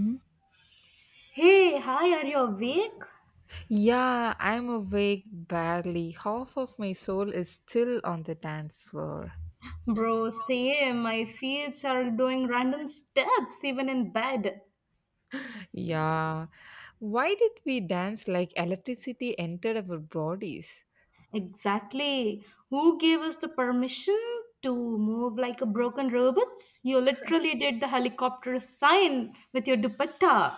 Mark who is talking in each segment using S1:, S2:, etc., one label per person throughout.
S1: Mhm.
S2: Hey, hi, are you awake?
S1: Yeah, I'm awake barely. Half of my soul is still on the dance floor.
S2: Bro, same. My feet are doing random steps even in bed.
S1: Yeah. Why did we dance like electricity entered our bodies?
S2: Exactly. Who gave us the permission to move like a broken robots? You literally did the helicopter sign with your dupatta.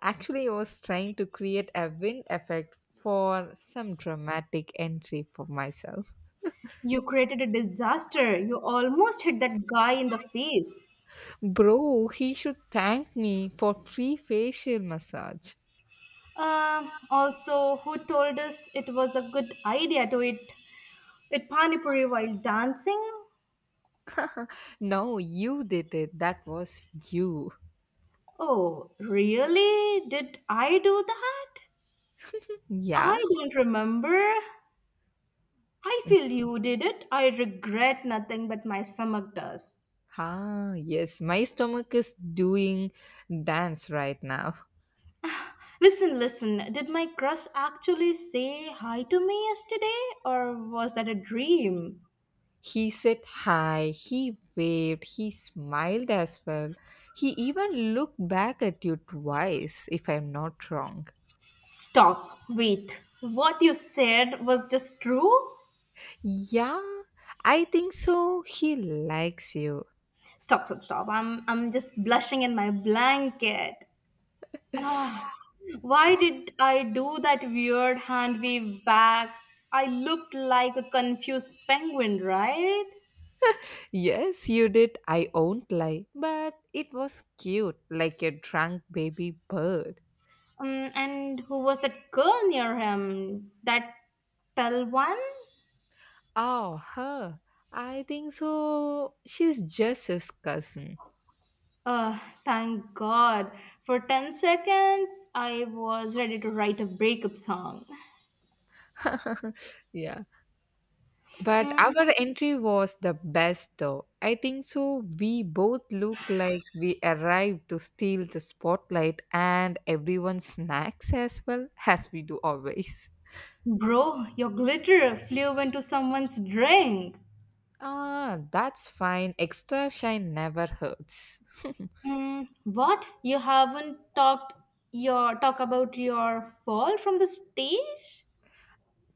S1: Actually, I was trying to create a wind effect for some dramatic entry for myself.
S2: You created a disaster. You almost hit that guy in the face.
S1: Bro, he should thank me for free facial massage.
S2: Also, who told us it was a good idea to eat pani puri while dancing?
S1: No, you did it. That was you.
S2: Oh, really? Did I do that?
S1: Yeah.
S2: I don't remember. I feel you did it. I regret nothing but my stomach does.
S1: Ah, yes, my stomach is doing dance right now.
S2: Listen, listen, did my crush actually say hi to me yesterday or was that a dream?
S1: He said hi, he waved, he smiled as well. He even looked back at you twice, if I'm not wrong.
S2: Stop. Wait. What you said was just true?
S1: Yeah, I think so. He likes you.
S2: Stop, stop, stop. I'm just blushing in my blanket. Ah, why did I do that weird hand wave back? I looked like a confused penguin, right?
S1: Yes, you did. I won't lie. But it was cute, like a drunk baby bird.
S2: And who was that girl near him? That tall one?
S1: Oh, her. I think so. She's just his cousin.
S2: Uh, Thank God. For 10 seconds, I was ready to write a breakup song.
S1: yeah. But
S2: Mm,
S1: our entry was the best though. I think so. We both look like we arrived to steal the spotlight and everyone's snacks as well, as we do always.
S2: Bro, your glitter flew into someone's drink.
S1: Ah, that's fine. Extra shine never hurts.
S2: What? You haven't talked your talk about your fall from the stage?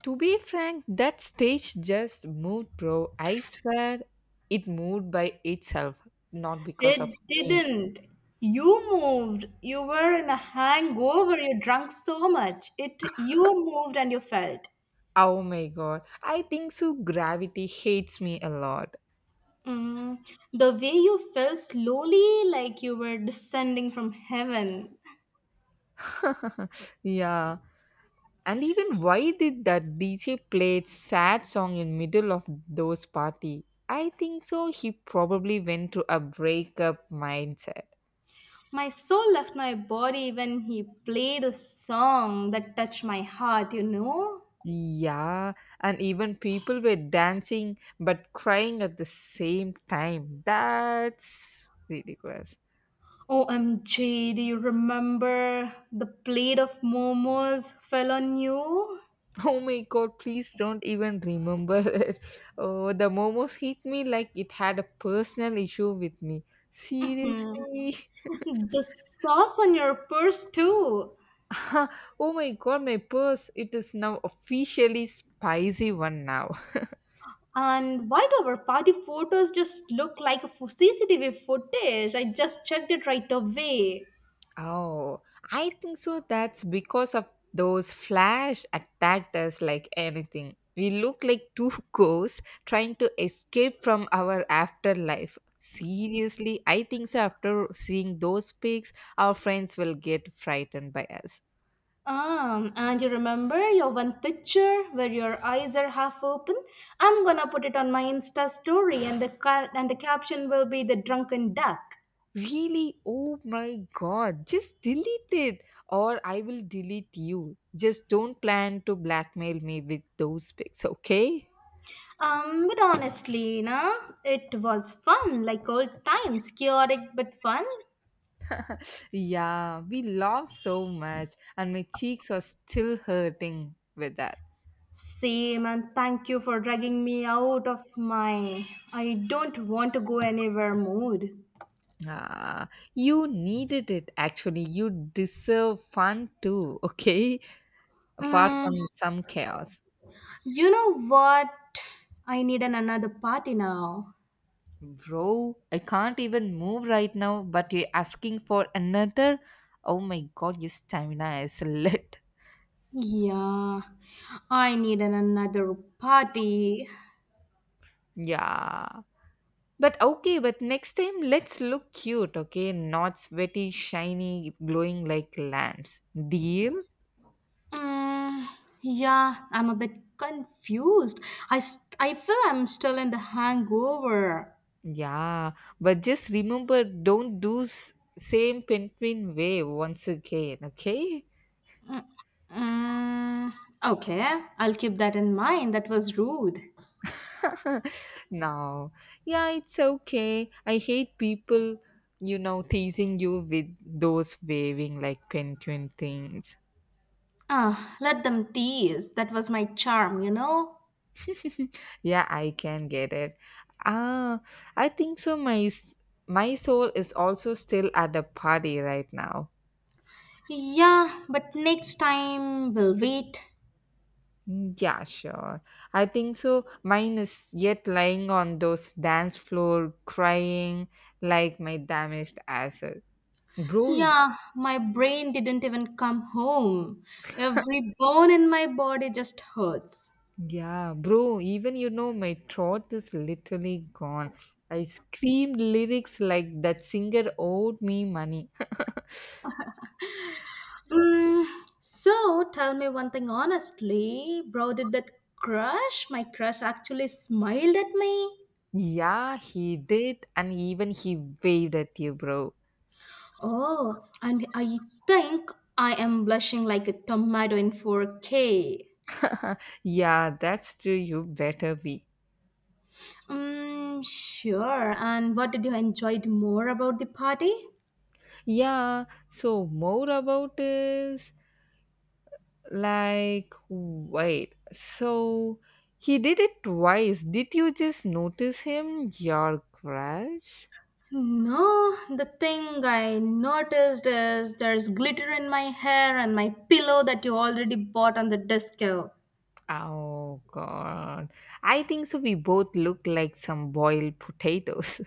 S1: To be frank, that stage just moved, bro. I swear it moved by itself, not because of
S2: It
S1: me.
S2: didn't. You moved. You were in a hangover. You drank so much. It You moved and you felt.
S1: Oh my god. I think so gravity hates me a lot.
S2: Mm, the way you fell slowly like you were descending from heaven.
S1: Yeah. And even why did that DJ played sad song in middle of those party? I think so he probably went to a breakup mindset.
S2: My soul left my body when he played a song that touched my heart, you know?
S1: Yeah, and even people were dancing but crying at the same time. That's ridiculous.
S2: OMG, do you remember the plate of momos fell on you?
S1: Oh my god, please don't even remember it. Oh, the momos hit me like it had a personal issue with me.
S2: Hmm.
S1: Seriously?
S2: The sauce on your purse too.
S1: Oh my god, my purse. It is now officially spicy one now.
S2: And why do our party photos just look like a CCTV footage? I just checked it right away.
S1: Oh, I think so. That's because of those flash attacked us like anything. We look like two ghosts trying to escape from our afterlife. Seriously, I think so. After seeing those pics, our friends will get frightened by us.
S2: And you remember your one picture where your eyes are half open? I'm gonna put it on my Insta story, and and the caption will be the drunken duck.
S1: Really? Oh my god. Just delete it or I will delete you. Just don't plan to blackmail me with those pics, okay?
S2: But honestly, na, it was fun, like old times, chaotic but fun.
S1: Yeah, we laughed so much and my cheeks are still hurting with that.
S2: Same, and thank you for dragging me out of my I don't want to go anywhere mood.
S1: Ah, you needed it actually. You deserve fun too, okay? Apart from
S2: Mm,
S1: some chaos.
S2: you know what? I need an another party now.
S1: Bro, I can't even move right now, but you're asking for another? Oh my god, your stamina is lit.
S2: Yeah, I need an another party.
S1: Yeah. But okay, but next time let's look cute, okay? Not sweaty, shiny, glowing like lamps. Deal?
S2: Mm, yeah, I'm a bit confused. I feel I'm still in the hangover.
S1: Yeah. But just remember, don't do same penguin way once again, okay?
S2: Mm, okay, I'll keep that in mind. That was rude.
S1: No, yeah, it's okay. I hate people teasing you with those waving like penguin things.
S2: Let them tease. That was my charm, you know?
S1: Yeah, I can get it. Ah, I think so my soul is also still at the party right now.
S2: Yeah, but next time we'll wait.
S1: Mm, yeah, sure. I think so mine is yet lying on those dance floor crying like my damaged asset, bro.
S2: Yeah, my brain didn't even come home. Every bone in my body just hurts.
S1: Yeah, bro, even my throat is literally gone. I screamed lyrics like that singer owed me money.
S2: Mm, so tell me one thing honestly, bro, did my crush actually smiled at me?
S1: Yeah, he did, and even he waved at you, bro.
S2: Oh, and I think I am blushing like a tomato in 4K.
S1: Yeah, that's true. You better be.
S2: Sure. And what did you enjoy more about the party?
S1: Yeah, so more about is like, wait, so he did it twice. Did you just notice him, your crush?
S2: No, the thing I noticed is there's glitter in my hair and my pillow that you already bought on the disco.
S1: Oh god. I think so we both look like some boiled potatoes.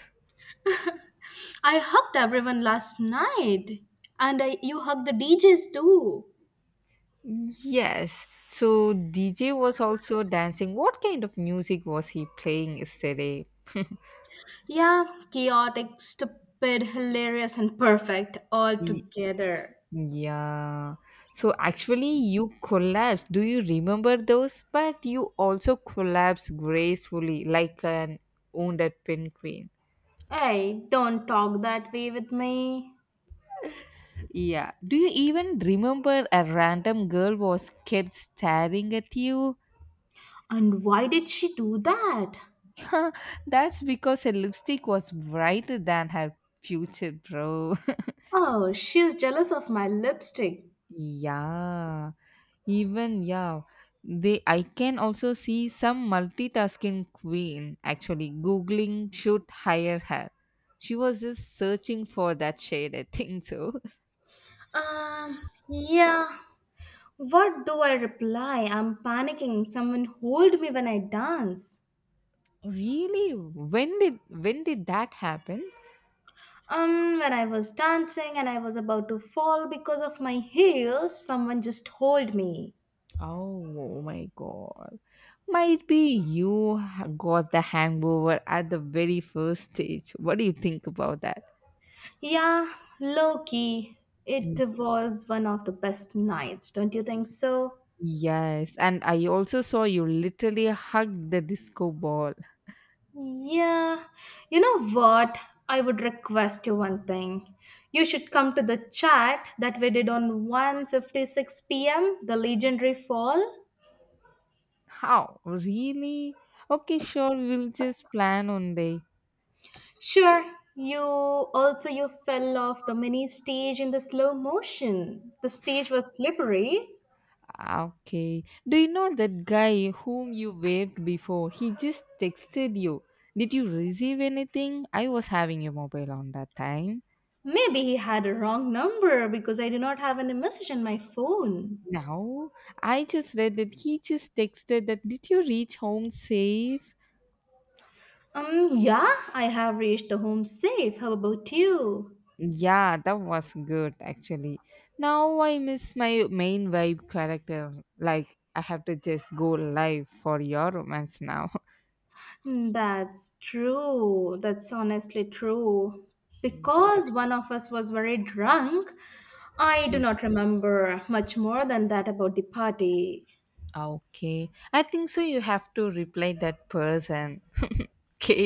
S2: I hugged everyone last night, and you hugged the DJs too.
S1: Yes. So DJ was also dancing. What kind of music was he playing yesterday?
S2: Yeah, chaotic, stupid, hilarious, and perfect all
S1: Y-
S2: together.
S1: Yeah. So actually you collapsed. Do you remember those? But you also collapsed gracefully like an wounded penguin.
S2: Hey, don't talk that way with me.
S1: Yeah. Do you even remember a random girl was kept staring at you?
S2: And why did she do that?
S1: Huh, that's because her lipstick was brighter than her future, bro.
S2: Oh, she's jealous of my lipstick.
S1: Yeah, even yeah, they I can also see some multitasking queen actually googling should hire her. She was just searching for that shade, I think so.
S2: Um, yeah. What do I reply? I'm panicking. Someone hold me when I dance.
S1: Really? When did that happen?
S2: When I was dancing and I was about to fall because of my heels, someone just hold me.
S1: Oh my god. Might be you got the hangover at the very first stage. What do you think about that?
S2: Yeah, low key. It
S1: Mm,
S2: was one of the best nights, don't you think so?
S1: yes, and I also saw you literally hugged the disco ball.
S2: Yeah, you know what? I would request you one thing. You should come to the chat that we did on 1:56 p.m. the legendary fall.
S1: How? Really? Okay, sure, we'll just plan one day.
S2: Sure, you also you fell off the mini stage in the slow motion. The stage was slippery.
S1: Ah, okay. Do you know that guy whom you waved before? He just texted you. Did you receive anything? I was having your mobile on that time.
S2: Maybe he had a wrong number because I do not have any message on my phone.
S1: No. I just read that he just texted that did you reach home safe?
S2: Yeah, I have reached the home safe. How about you?
S1: Yeah, that was good actually. Now I miss my main vibe character. Like I have to just go live for your romance now.
S2: Hmm. That's true. That's honestly true.
S1: Yeah.
S2: Because one of us was very drunk, I do not remember much more than that about the party.
S1: Okay. I think so you have to reply that person.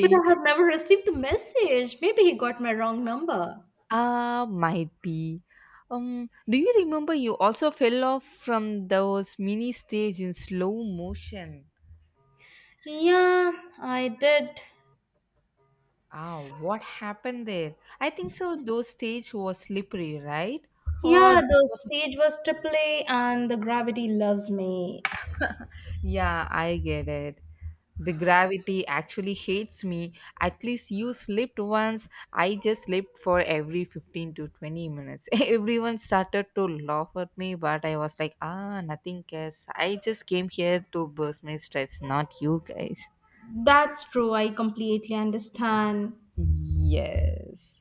S2: But I have never received a message. Maybe he got my wrong number.
S1: Ah, might be. Do you remember you also fell off from those mini stage in slow motion?
S2: Yeah, I did.
S1: Ah, what happened there? I think so those stage was slippery, right? Or
S2: Yeah, the
S1: because of.
S2: stage was triple A and the gravity loves me.
S1: Yeah, I get it. The gravity actually hates me. At least you slept once. I just slept for every 15 to 20 minutes. Everyone started to laugh at me, but I was like, nothing cares. I just came here to burst my stress, not you guys.
S2: That's true. I completely understand.
S1: Yes.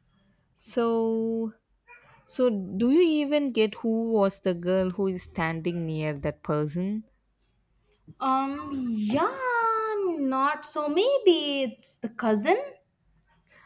S1: So, so, do you even get who was the girl who is standing near that person?
S2: Yeah, not so. Maybe it's the cousin.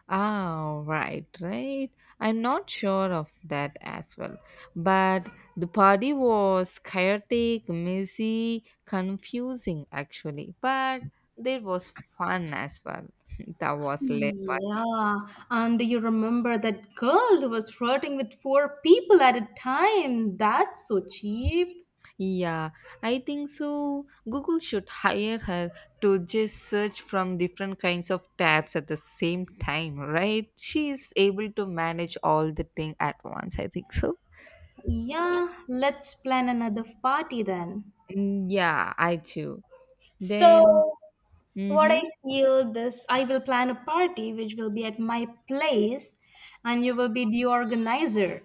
S1: Ah, right, right. I'm not sure of that as well. But the party was chaotic, messy, confusing actually. But there was fun as well. That was late party.
S2: Yeah, and you remember that girl who was flirting with four people at a time? That's so cheap.
S1: Yeah, I think so. Google should hire her to just search from different kinds of tabs at the same time, right? She is able to manage all the thing at once. I think so.
S2: Yeah, let's plan another party then.
S1: Mm, yeah, I too. Then.
S2: So, what
S1: Mm-hmm.
S2: I feel this, I will plan a party which will be at my place, and you will be the organizer.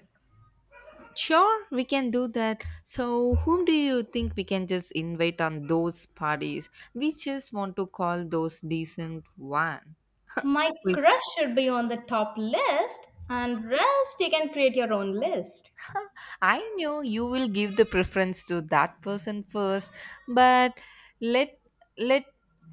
S1: Sure, we can do that. So, whom do you think we can just invite on those parties? We just want to call those decent one.
S2: My
S1: With,
S2: crush should be on the top list, and rest you can create your own list.
S1: I know you will give the preference to that person first, but let let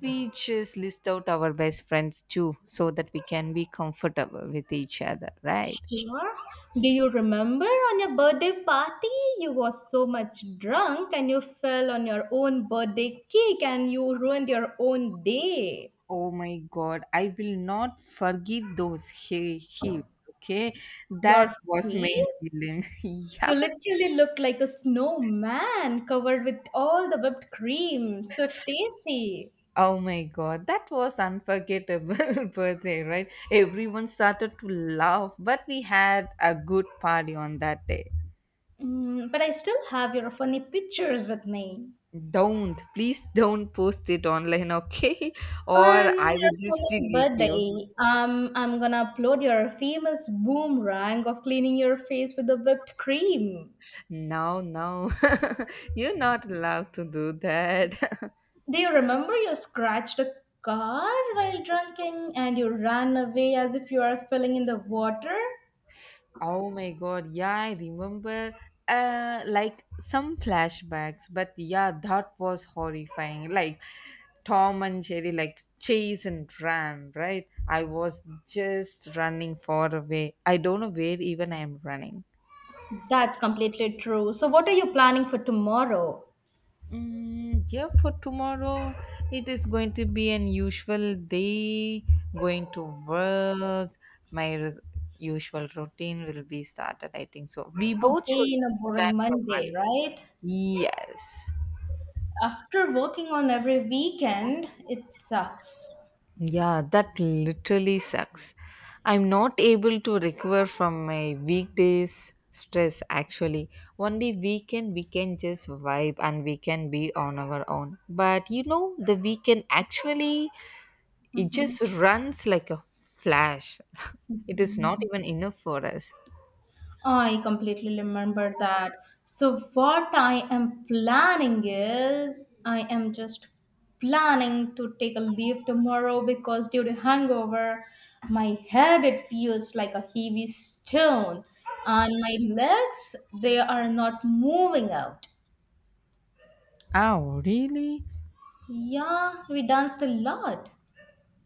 S1: we just list out our best friends too, so that we can be comfortable with each other, right?
S2: Sure. Do you remember on your birthday party? You were so much drunk and you fell on your own birthday cake and you ruined your own day.
S1: Oh my God, I will not forgive those he heels. Okay, that
S2: Your
S1: was main
S2: face?
S1: villain. Yeah.
S2: You literally looked like a snowman covered with all the whipped cream. So tasty.
S1: Oh my God, that was unforgettable birthday, right? Everyone started to laugh, but we had a good party on that day.
S2: But I still have your funny pictures with me.
S1: Don't, please don't post it online, okay?
S2: On
S1: Or
S2: your
S1: I will just
S2: coming
S1: delete you.
S2: birthday, I'm gonna upload your famous boomerang of cleaning your face with the whipped cream.
S1: No, no, you're not allowed to do that.
S2: Do you remember you scratched a car while drinking and you ran away as if you are filling in the water?
S1: Oh my god, yeah, I remember like some flashbacks, but yeah, that was horrifying. Like Tom and Jerry like chase and ran, right? I was just running far away. I don't know where even I am running.
S2: That's completely true. So, what are you planning for tomorrow?
S1: Mm, yeah, for tomorrow it is going to be an usual day. Going to work, my res- usual routine will be started. I think so. We both should
S2: Again, a
S1: plan
S2: boring
S1: for.
S2: Monday, right?
S1: Yes.
S2: After working on every weekend, it sucks.
S1: Yeah, that literally sucks. I'm not able to recover from my weekdays stress actually. Only weekend we can just vibe and we can be on our own. But you know, the weekend actually it
S2: Mhm.
S1: just runs like a flash. It is not even enough for us.
S2: I completely remember that. So, what I am planning is I am just planning to take a leave tomorrow because due to hangover, my head it feels like a heavy stone and my legs they are not moving out.
S1: Oh, really?
S2: Yeah, we danced a lot.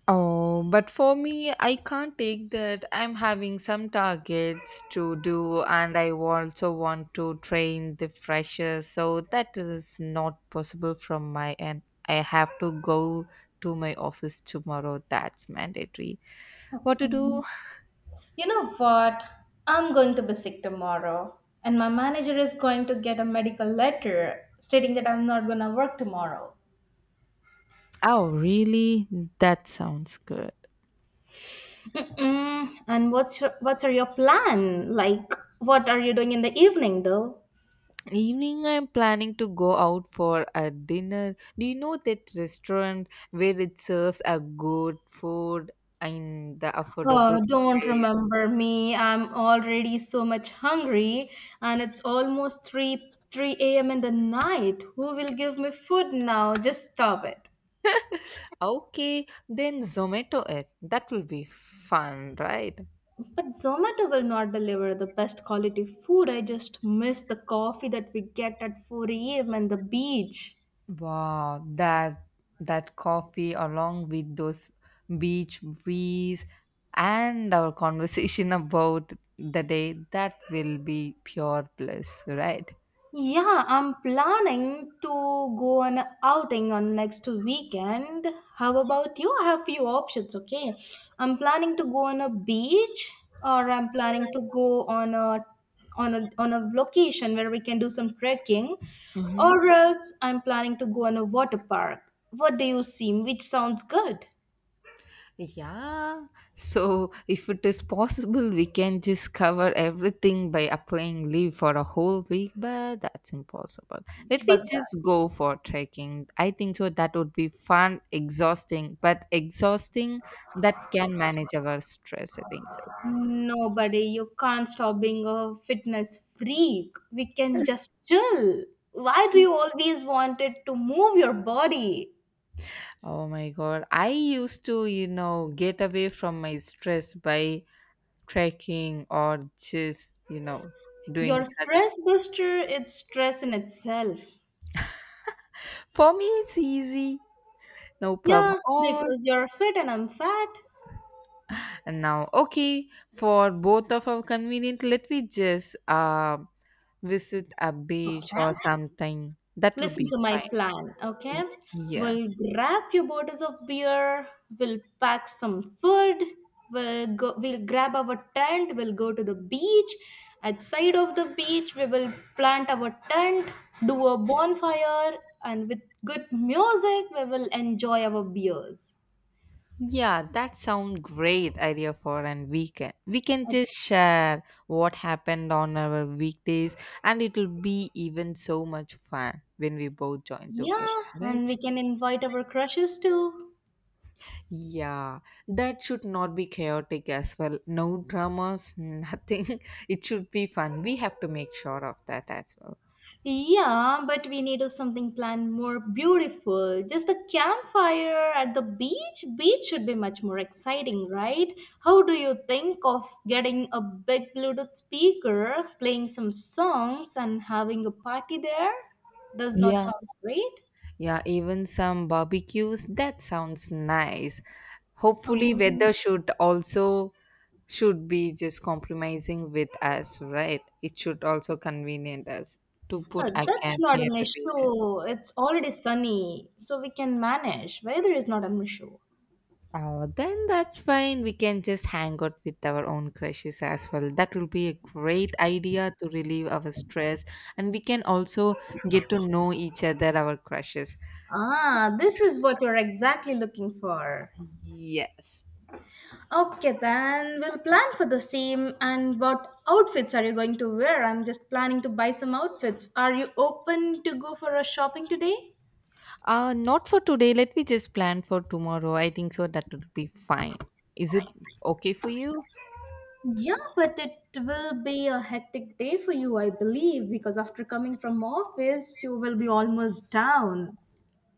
S1: Oh, but for me, I can't take that. I'm having some targets to do, and I also want to train the freshers, so that is not possible from my end. I have to go to my office tomorrow. That's mandatory. What to do?
S2: You know what? I'm going to be sick tomorrow, and my manager is going to get a medical letter stating that I'm not going to work tomorrow.
S1: Oh, really? That sounds good.
S2: Mm-mm. And what's are your plan? Like, what are you doing in the evening though?
S1: Evening, I'm planning to go out for a dinner. Do you know that restaurant where it serves a good food in the affordable
S2: Oh, don't
S1: price?
S2: remember me. I'm already so much hungry, and it's almost three a.m. in the night. Who will give me food now? Just stop it.
S1: Okay, then Zomato it. That will be fun, right?
S2: But Zomato will not deliver the best quality food. I just miss the coffee that we get at 4 a.m. and the beach.
S1: Wow, that coffee along with those beach breeze and our conversation about the day, that will be pure bliss, right?
S2: Yeah, I'm planning to go on a outing on next weekend. How about you? I have few options, okay? I'm planning to go on a beach or I'm planning to go on a location where we can do some trekking or else I'm planning to go on a water park. What do you see? Which sounds good?
S1: Yeah, so if it is possible, we can just cover everything by applying leave for a whole week, but that's impossible. Let
S2: But
S1: me
S2: that.
S1: just go for trekking. I think so that would be fun, exhausting, but exhausting that can manage our stress. I think so.
S2: Nobody, you can't stop being a fitness freak. We can just chill. Why do you always want it to move your body?
S1: Oh my god, I used to, get away from my stress by trekking or just,
S2: Your
S1: doing such.
S2: stress buster, it's stress in itself.
S1: For me, it's easy, no problem.
S2: Yeah,
S1: Or.
S2: because you're fit and I'm fat.
S1: And now, okay, for both of our convenient, let me just visit a beach or
S2: Okay.
S1: something. That will
S2: Listen
S1: be
S2: to my
S1: fine.
S2: plan, okay?
S1: Yeah.
S2: We'll grab few bottles of beer, we'll pack some food, we'll grab our tent, we'll go to the beach. Outside of the beach, we will plant our tent, do a bonfire, and with good music, we will enjoy our beers.
S1: Yeah, that sounds great idea for an weekend. We can
S2: Uh,
S1: just share what happened on our weekdays and it will be even so much fun when we both join together,
S2: Yeah,
S1: right?
S2: and we can invite our crushes too.
S1: Yeah, that should not be chaotic as well. No dramas, nothing. It should be fun. We have to make sure of that as well.
S2: Yeah, but we need of something planned more beautiful. Just a campfire at the beach. Beach should be much more exciting, right? How do you think of getting a big Bluetooth speaker, playing some songs, and having a party there? Does not
S1: Yeah.
S2: sound great.
S1: Yeah, even some barbecues. That sounds nice. Hopefully,
S2: Um,
S1: weather should also should be just compromising with us, right? It should also convenient us to put a
S2: that's
S1: camp
S2: not
S1: near
S2: an
S1: the beach.
S2: issue.
S1: Yeah.
S2: It's already sunny, so we can manage. Weather is not an issue.
S1: Oh, then that's fine. We can just hang out with our own crushes as well. That will be a great idea to relieve our stress, and we can also get to know each other, our crushes.
S2: This is what you're exactly looking for.
S1: Yes.
S2: Okay, then we'll plan for the same. And what outfits are you going to wear? I'm just planning to buy some outfits. Are you open to go for a shopping today?
S1: Not for today. Let me just plan for tomorrow. I think so. That would be fine. Is it okay for you?
S2: Yeah, but it will be a hectic day for you, I believe, because after coming from office, you will be almost down.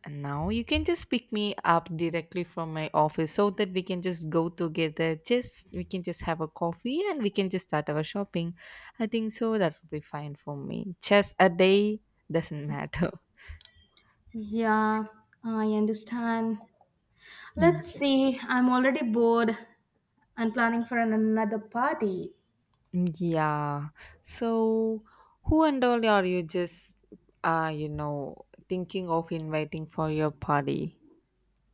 S1: And now you can just pick me up directly from my office so that we can just go together. Just we can just have a coffee and we can just start our shopping. I think so. That would be fine for me. Just a day doesn't matter.
S2: Yeah, I understand. Let's see, I'm already bored and planning for another party.
S1: Yeah. So, who and all are you thinking of inviting for your party?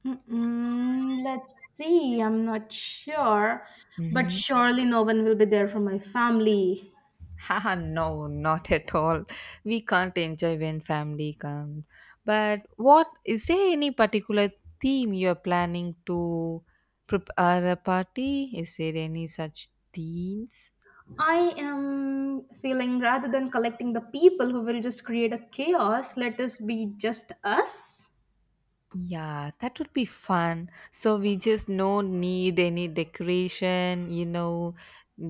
S2: Mm-mm, let's see. I'm not sure, but
S1: Mm-hmm.
S2: surely no one will be there from my family.
S1: Haha, no, not at all. We can't enjoy when family comes. But what is there any particular theme you're planning to prepare a party? Is there any such themes?
S2: I am feeling rather than collecting the people who will just create a chaos, let us be just us.
S1: Yeah, that would be fun. So we just no need any decoration,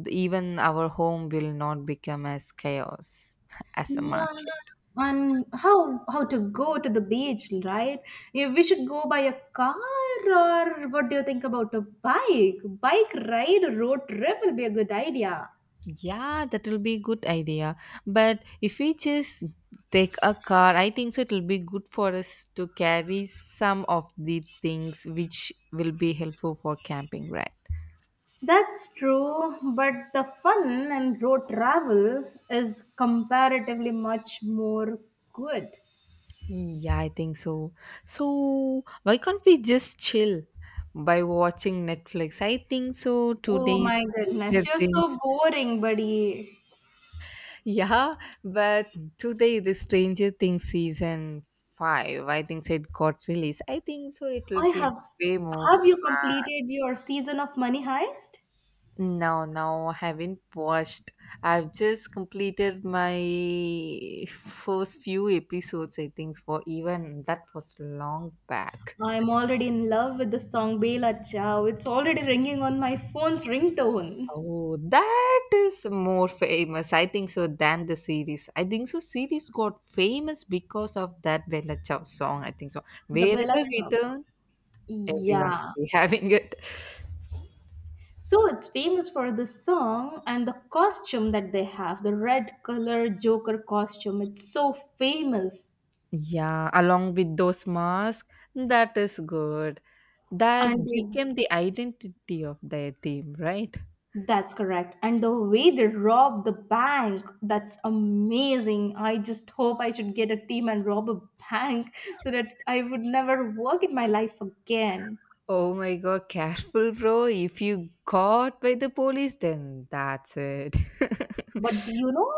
S1: even our home will not become as chaos as a
S2: Yeah.
S1: market.
S2: On how to go to the beach, right? Yeah, we should go by a car, or what do you think about a bike? Bike ride, road trip will be a good idea.
S1: Yeah, that will be a good idea. But if we just take a car, I think so it will be good for us to carry some of the things which will be helpful for camping, right?
S2: That's true, but the fun and road travel is comparatively much more good.
S1: Yeah, I think so. So, why can't we just chill by watching Netflix? I think so.
S2: Oh
S1: Today's
S2: my
S1: Stranger
S2: goodness, you're so
S1: Things.
S2: boring, buddy.
S1: Yeah, but today the Stranger Things season 5. I think so it got released. I think so. It will
S2: I
S1: be
S2: have
S1: way more.
S2: have you completed your season of Money Heist?
S1: No, no, I haven't watched. I've just completed my first few episodes. I think for even that was long back.
S2: I'm already in love with the song Bela Ciao. It's already ringing on my phone's ringtone.
S1: Oh, that is more famous. I think so than the series. I think so. Series got famous because of that Bella Ciao song. I think so.
S2: The
S1: Wherever
S2: Bela
S1: we
S2: Ciao.
S1: turn, everyone
S2: Yeah.
S1: will be having it.
S2: So it's famous for the song and the costume that they have, the red color Joker costume. It's so famous.
S1: Yeah, along with those masks, that is good. That
S2: And
S1: became the identity of their team, right?
S2: that's correct. And the way they rob the bank, that's amazing. I just hope I should get a team and rob a bank so that I would never work in my life again.
S1: Oh my god, careful, bro. If you got by the police, then that's it.
S2: But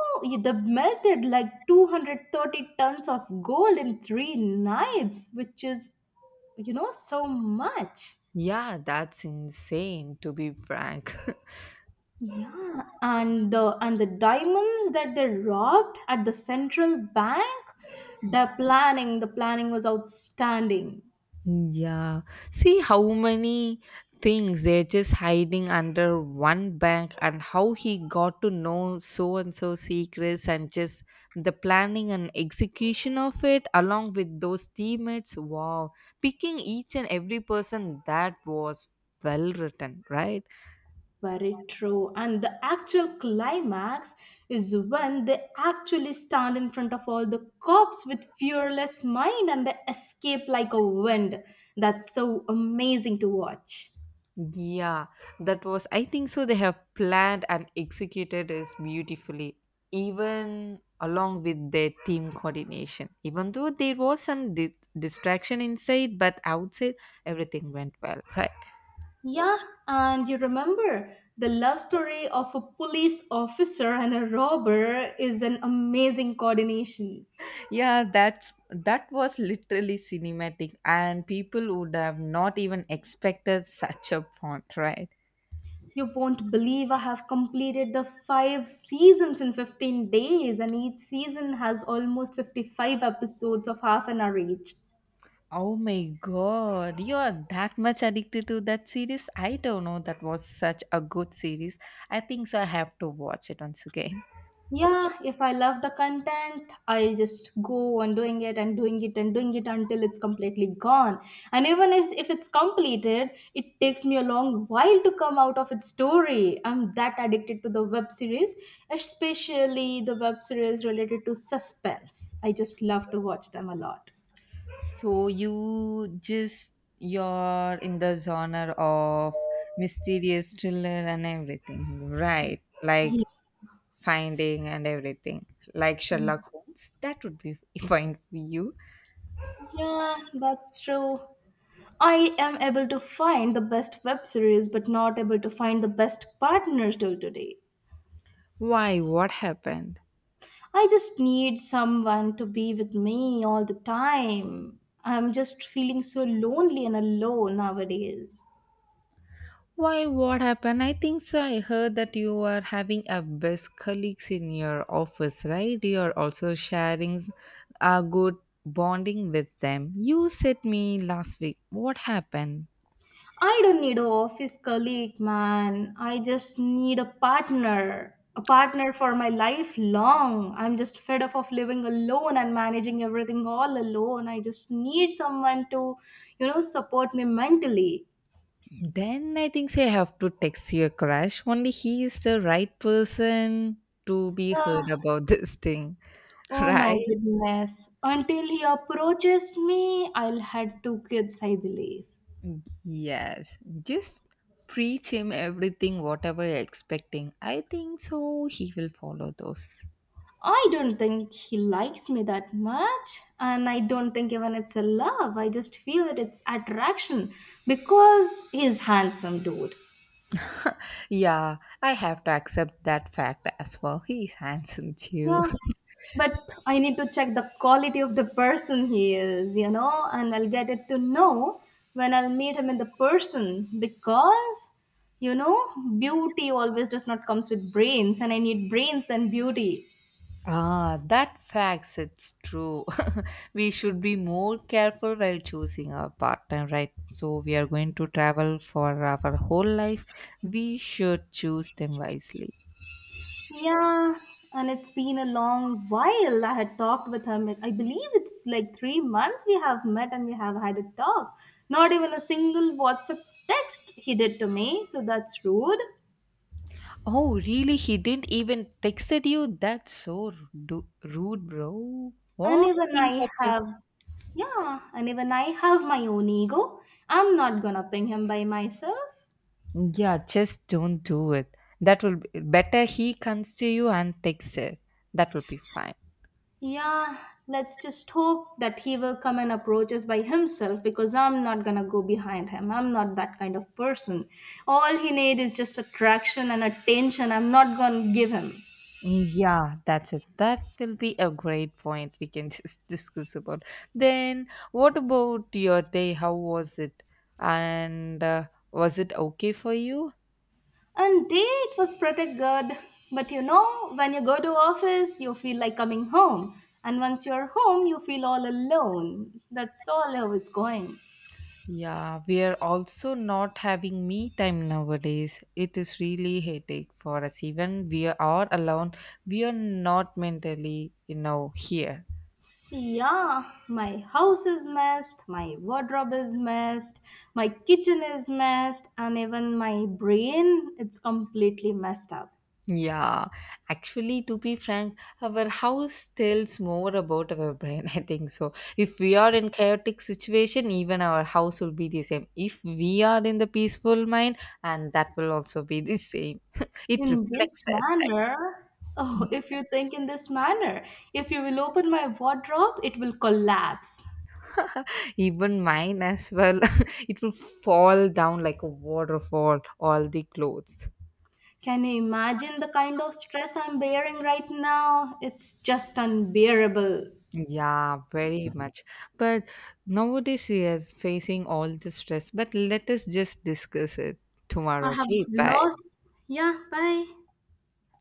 S2: they melted like 230 tons of gold in 3 nights, which is so much.
S1: Yeah, that's insane to be frank.
S2: Yeah, and the diamonds that they robbed at the central bank, the planning was outstanding.
S1: Yeah. See how many things they're just hiding under one bank and how he got to know so and so secrets and just the planning and execution of it along with those teammates. Wow. Picking each and every person that was well written, right?
S2: Very true. And the actual climax is when they actually stand in front of all the cops with fearless mind and they escape like a wind. That's so amazing to watch.
S1: Yeah, that was, I think so. They have planned and executed this beautifully, even along with their team coordination. Even though there was some distraction inside, but outside everything went well, right?
S2: Yeah, and you remember the love story of a police officer and a robber is an amazing coordination.
S1: Yeah, that was literally cinematic, and people would have not even expected such a font, right?
S2: You won't believe I have completed the five seasons in 15 days, and each season has almost 55 episodes of half an hour each.
S1: Oh my god, you are that much addicted to that series. I don't know, that was such a good series. I think so. I have to watch it once again.
S2: Yeah, if I love the content, I'll just go on doing it and doing it and doing it until it's completely gone. And even if it's completed, it takes me a long while to come out of its story. I'm that addicted to the web series, especially the web series related to suspense. I just love to watch them a lot.
S1: So, you're in the genre of mysterious thriller and everything, right? Like finding and everything, like
S2: Yeah,
S1: Sherlock Holmes. That would be fine for you.
S2: yeah, that's true. I am able to find the best web series, but not able to find the best partners till today.
S1: Why? What happened?
S2: I just need someone to be with me all the time. I'm just feeling so lonely and alone nowadays.
S1: Why, what happened? I think so. I heard that you are having a best colleagues in your office, right? You are also sharing a good bonding with them. You said me last week. What happened?
S2: I don't need an office colleague, man. I just need a partner. A partner for my life long. I'm just fed up of living alone and managing everything all alone. I just need someone to support me mentally.
S1: Then I think so. I have to text your crush. Only he is the right person to be heard
S2: Ah,
S1: about this thing,
S2: oh my
S1: right?
S2: goodness. Until he approaches me, I'll have two kids, I believe.
S1: Yes. Just preach him everything, whatever you're expecting. I think so. He will follow those.
S2: I don't think he likes me that much, and I don't think even it's a love. I just feel that it's attraction because he's handsome, dude.
S1: Yeah, I have to accept that fact as well. He's handsome too.
S2: Yeah, but I need to check the quality of the person he is and I'll get it to know when I'll meet him in the person because, you know, beauty always does not comes with brains, and I need brains than beauty.
S1: Ah, that fact it's true. We should be more careful while choosing our partner, right? So we are going to travel for our whole life. We should choose them wisely.
S2: Yeah, and it's been a long while. I had talked with her. I believe it's like 3 months we have met and we have had a talk. Not even a single WhatsApp text he did to me, so that's rude.
S1: Oh, really? He didn't even texted you? That's so rude, bro.
S2: And
S1: What?
S2: even
S1: He's
S2: I
S1: up.
S2: have, Yeah, and even I have my own ego. I'm not gonna ping him by myself.
S1: Yeah, just don't do it. That will be better. He comes to you and takes it. That will be fine.
S2: Yeah, let's just hope that he will come and approach us by himself because I'm not gonna go behind him. I'm not that kind of person. All he need is just attraction and attention. I'm not gonna give him.
S1: Mm, yeah, that's it. That will be a great point we can just discuss about. Then, what about your day? How was it? And was it okay for you?
S2: And day it was pretty good. But when you go to office, you feel like coming home. And once you're home, you feel all alone. That's all how it's going.
S1: Yeah, we are also not having me time nowadays. It is really headache for us. Even we are all alone. We are not mentally, here.
S2: Yeah, my house is messed, my wardrobe is messed, my kitchen is messed, and even my brain it's completely messed up.
S1: Yeah, actually, to be frank, our house tells more about our brain. I think so. If we are in chaotic situation, even our house will be the same. If we are in the peaceful mind, and that will also be the same. It
S2: In this
S1: reflects that.
S2: manner, oh, if you think in this manner, if you will open my wardrobe, it will collapse.
S1: Even mine as well. It will fall down like a waterfall. All the clothes.
S2: Can you imagine the kind of stress I'm bearing right now? It's just unbearable.
S1: Yeah, very much. But nowadays she is facing all the stress. But let us just discuss it
S2: I
S1: tomorrow.
S2: have
S1: Okay, bye.
S2: lost. Yeah, bye.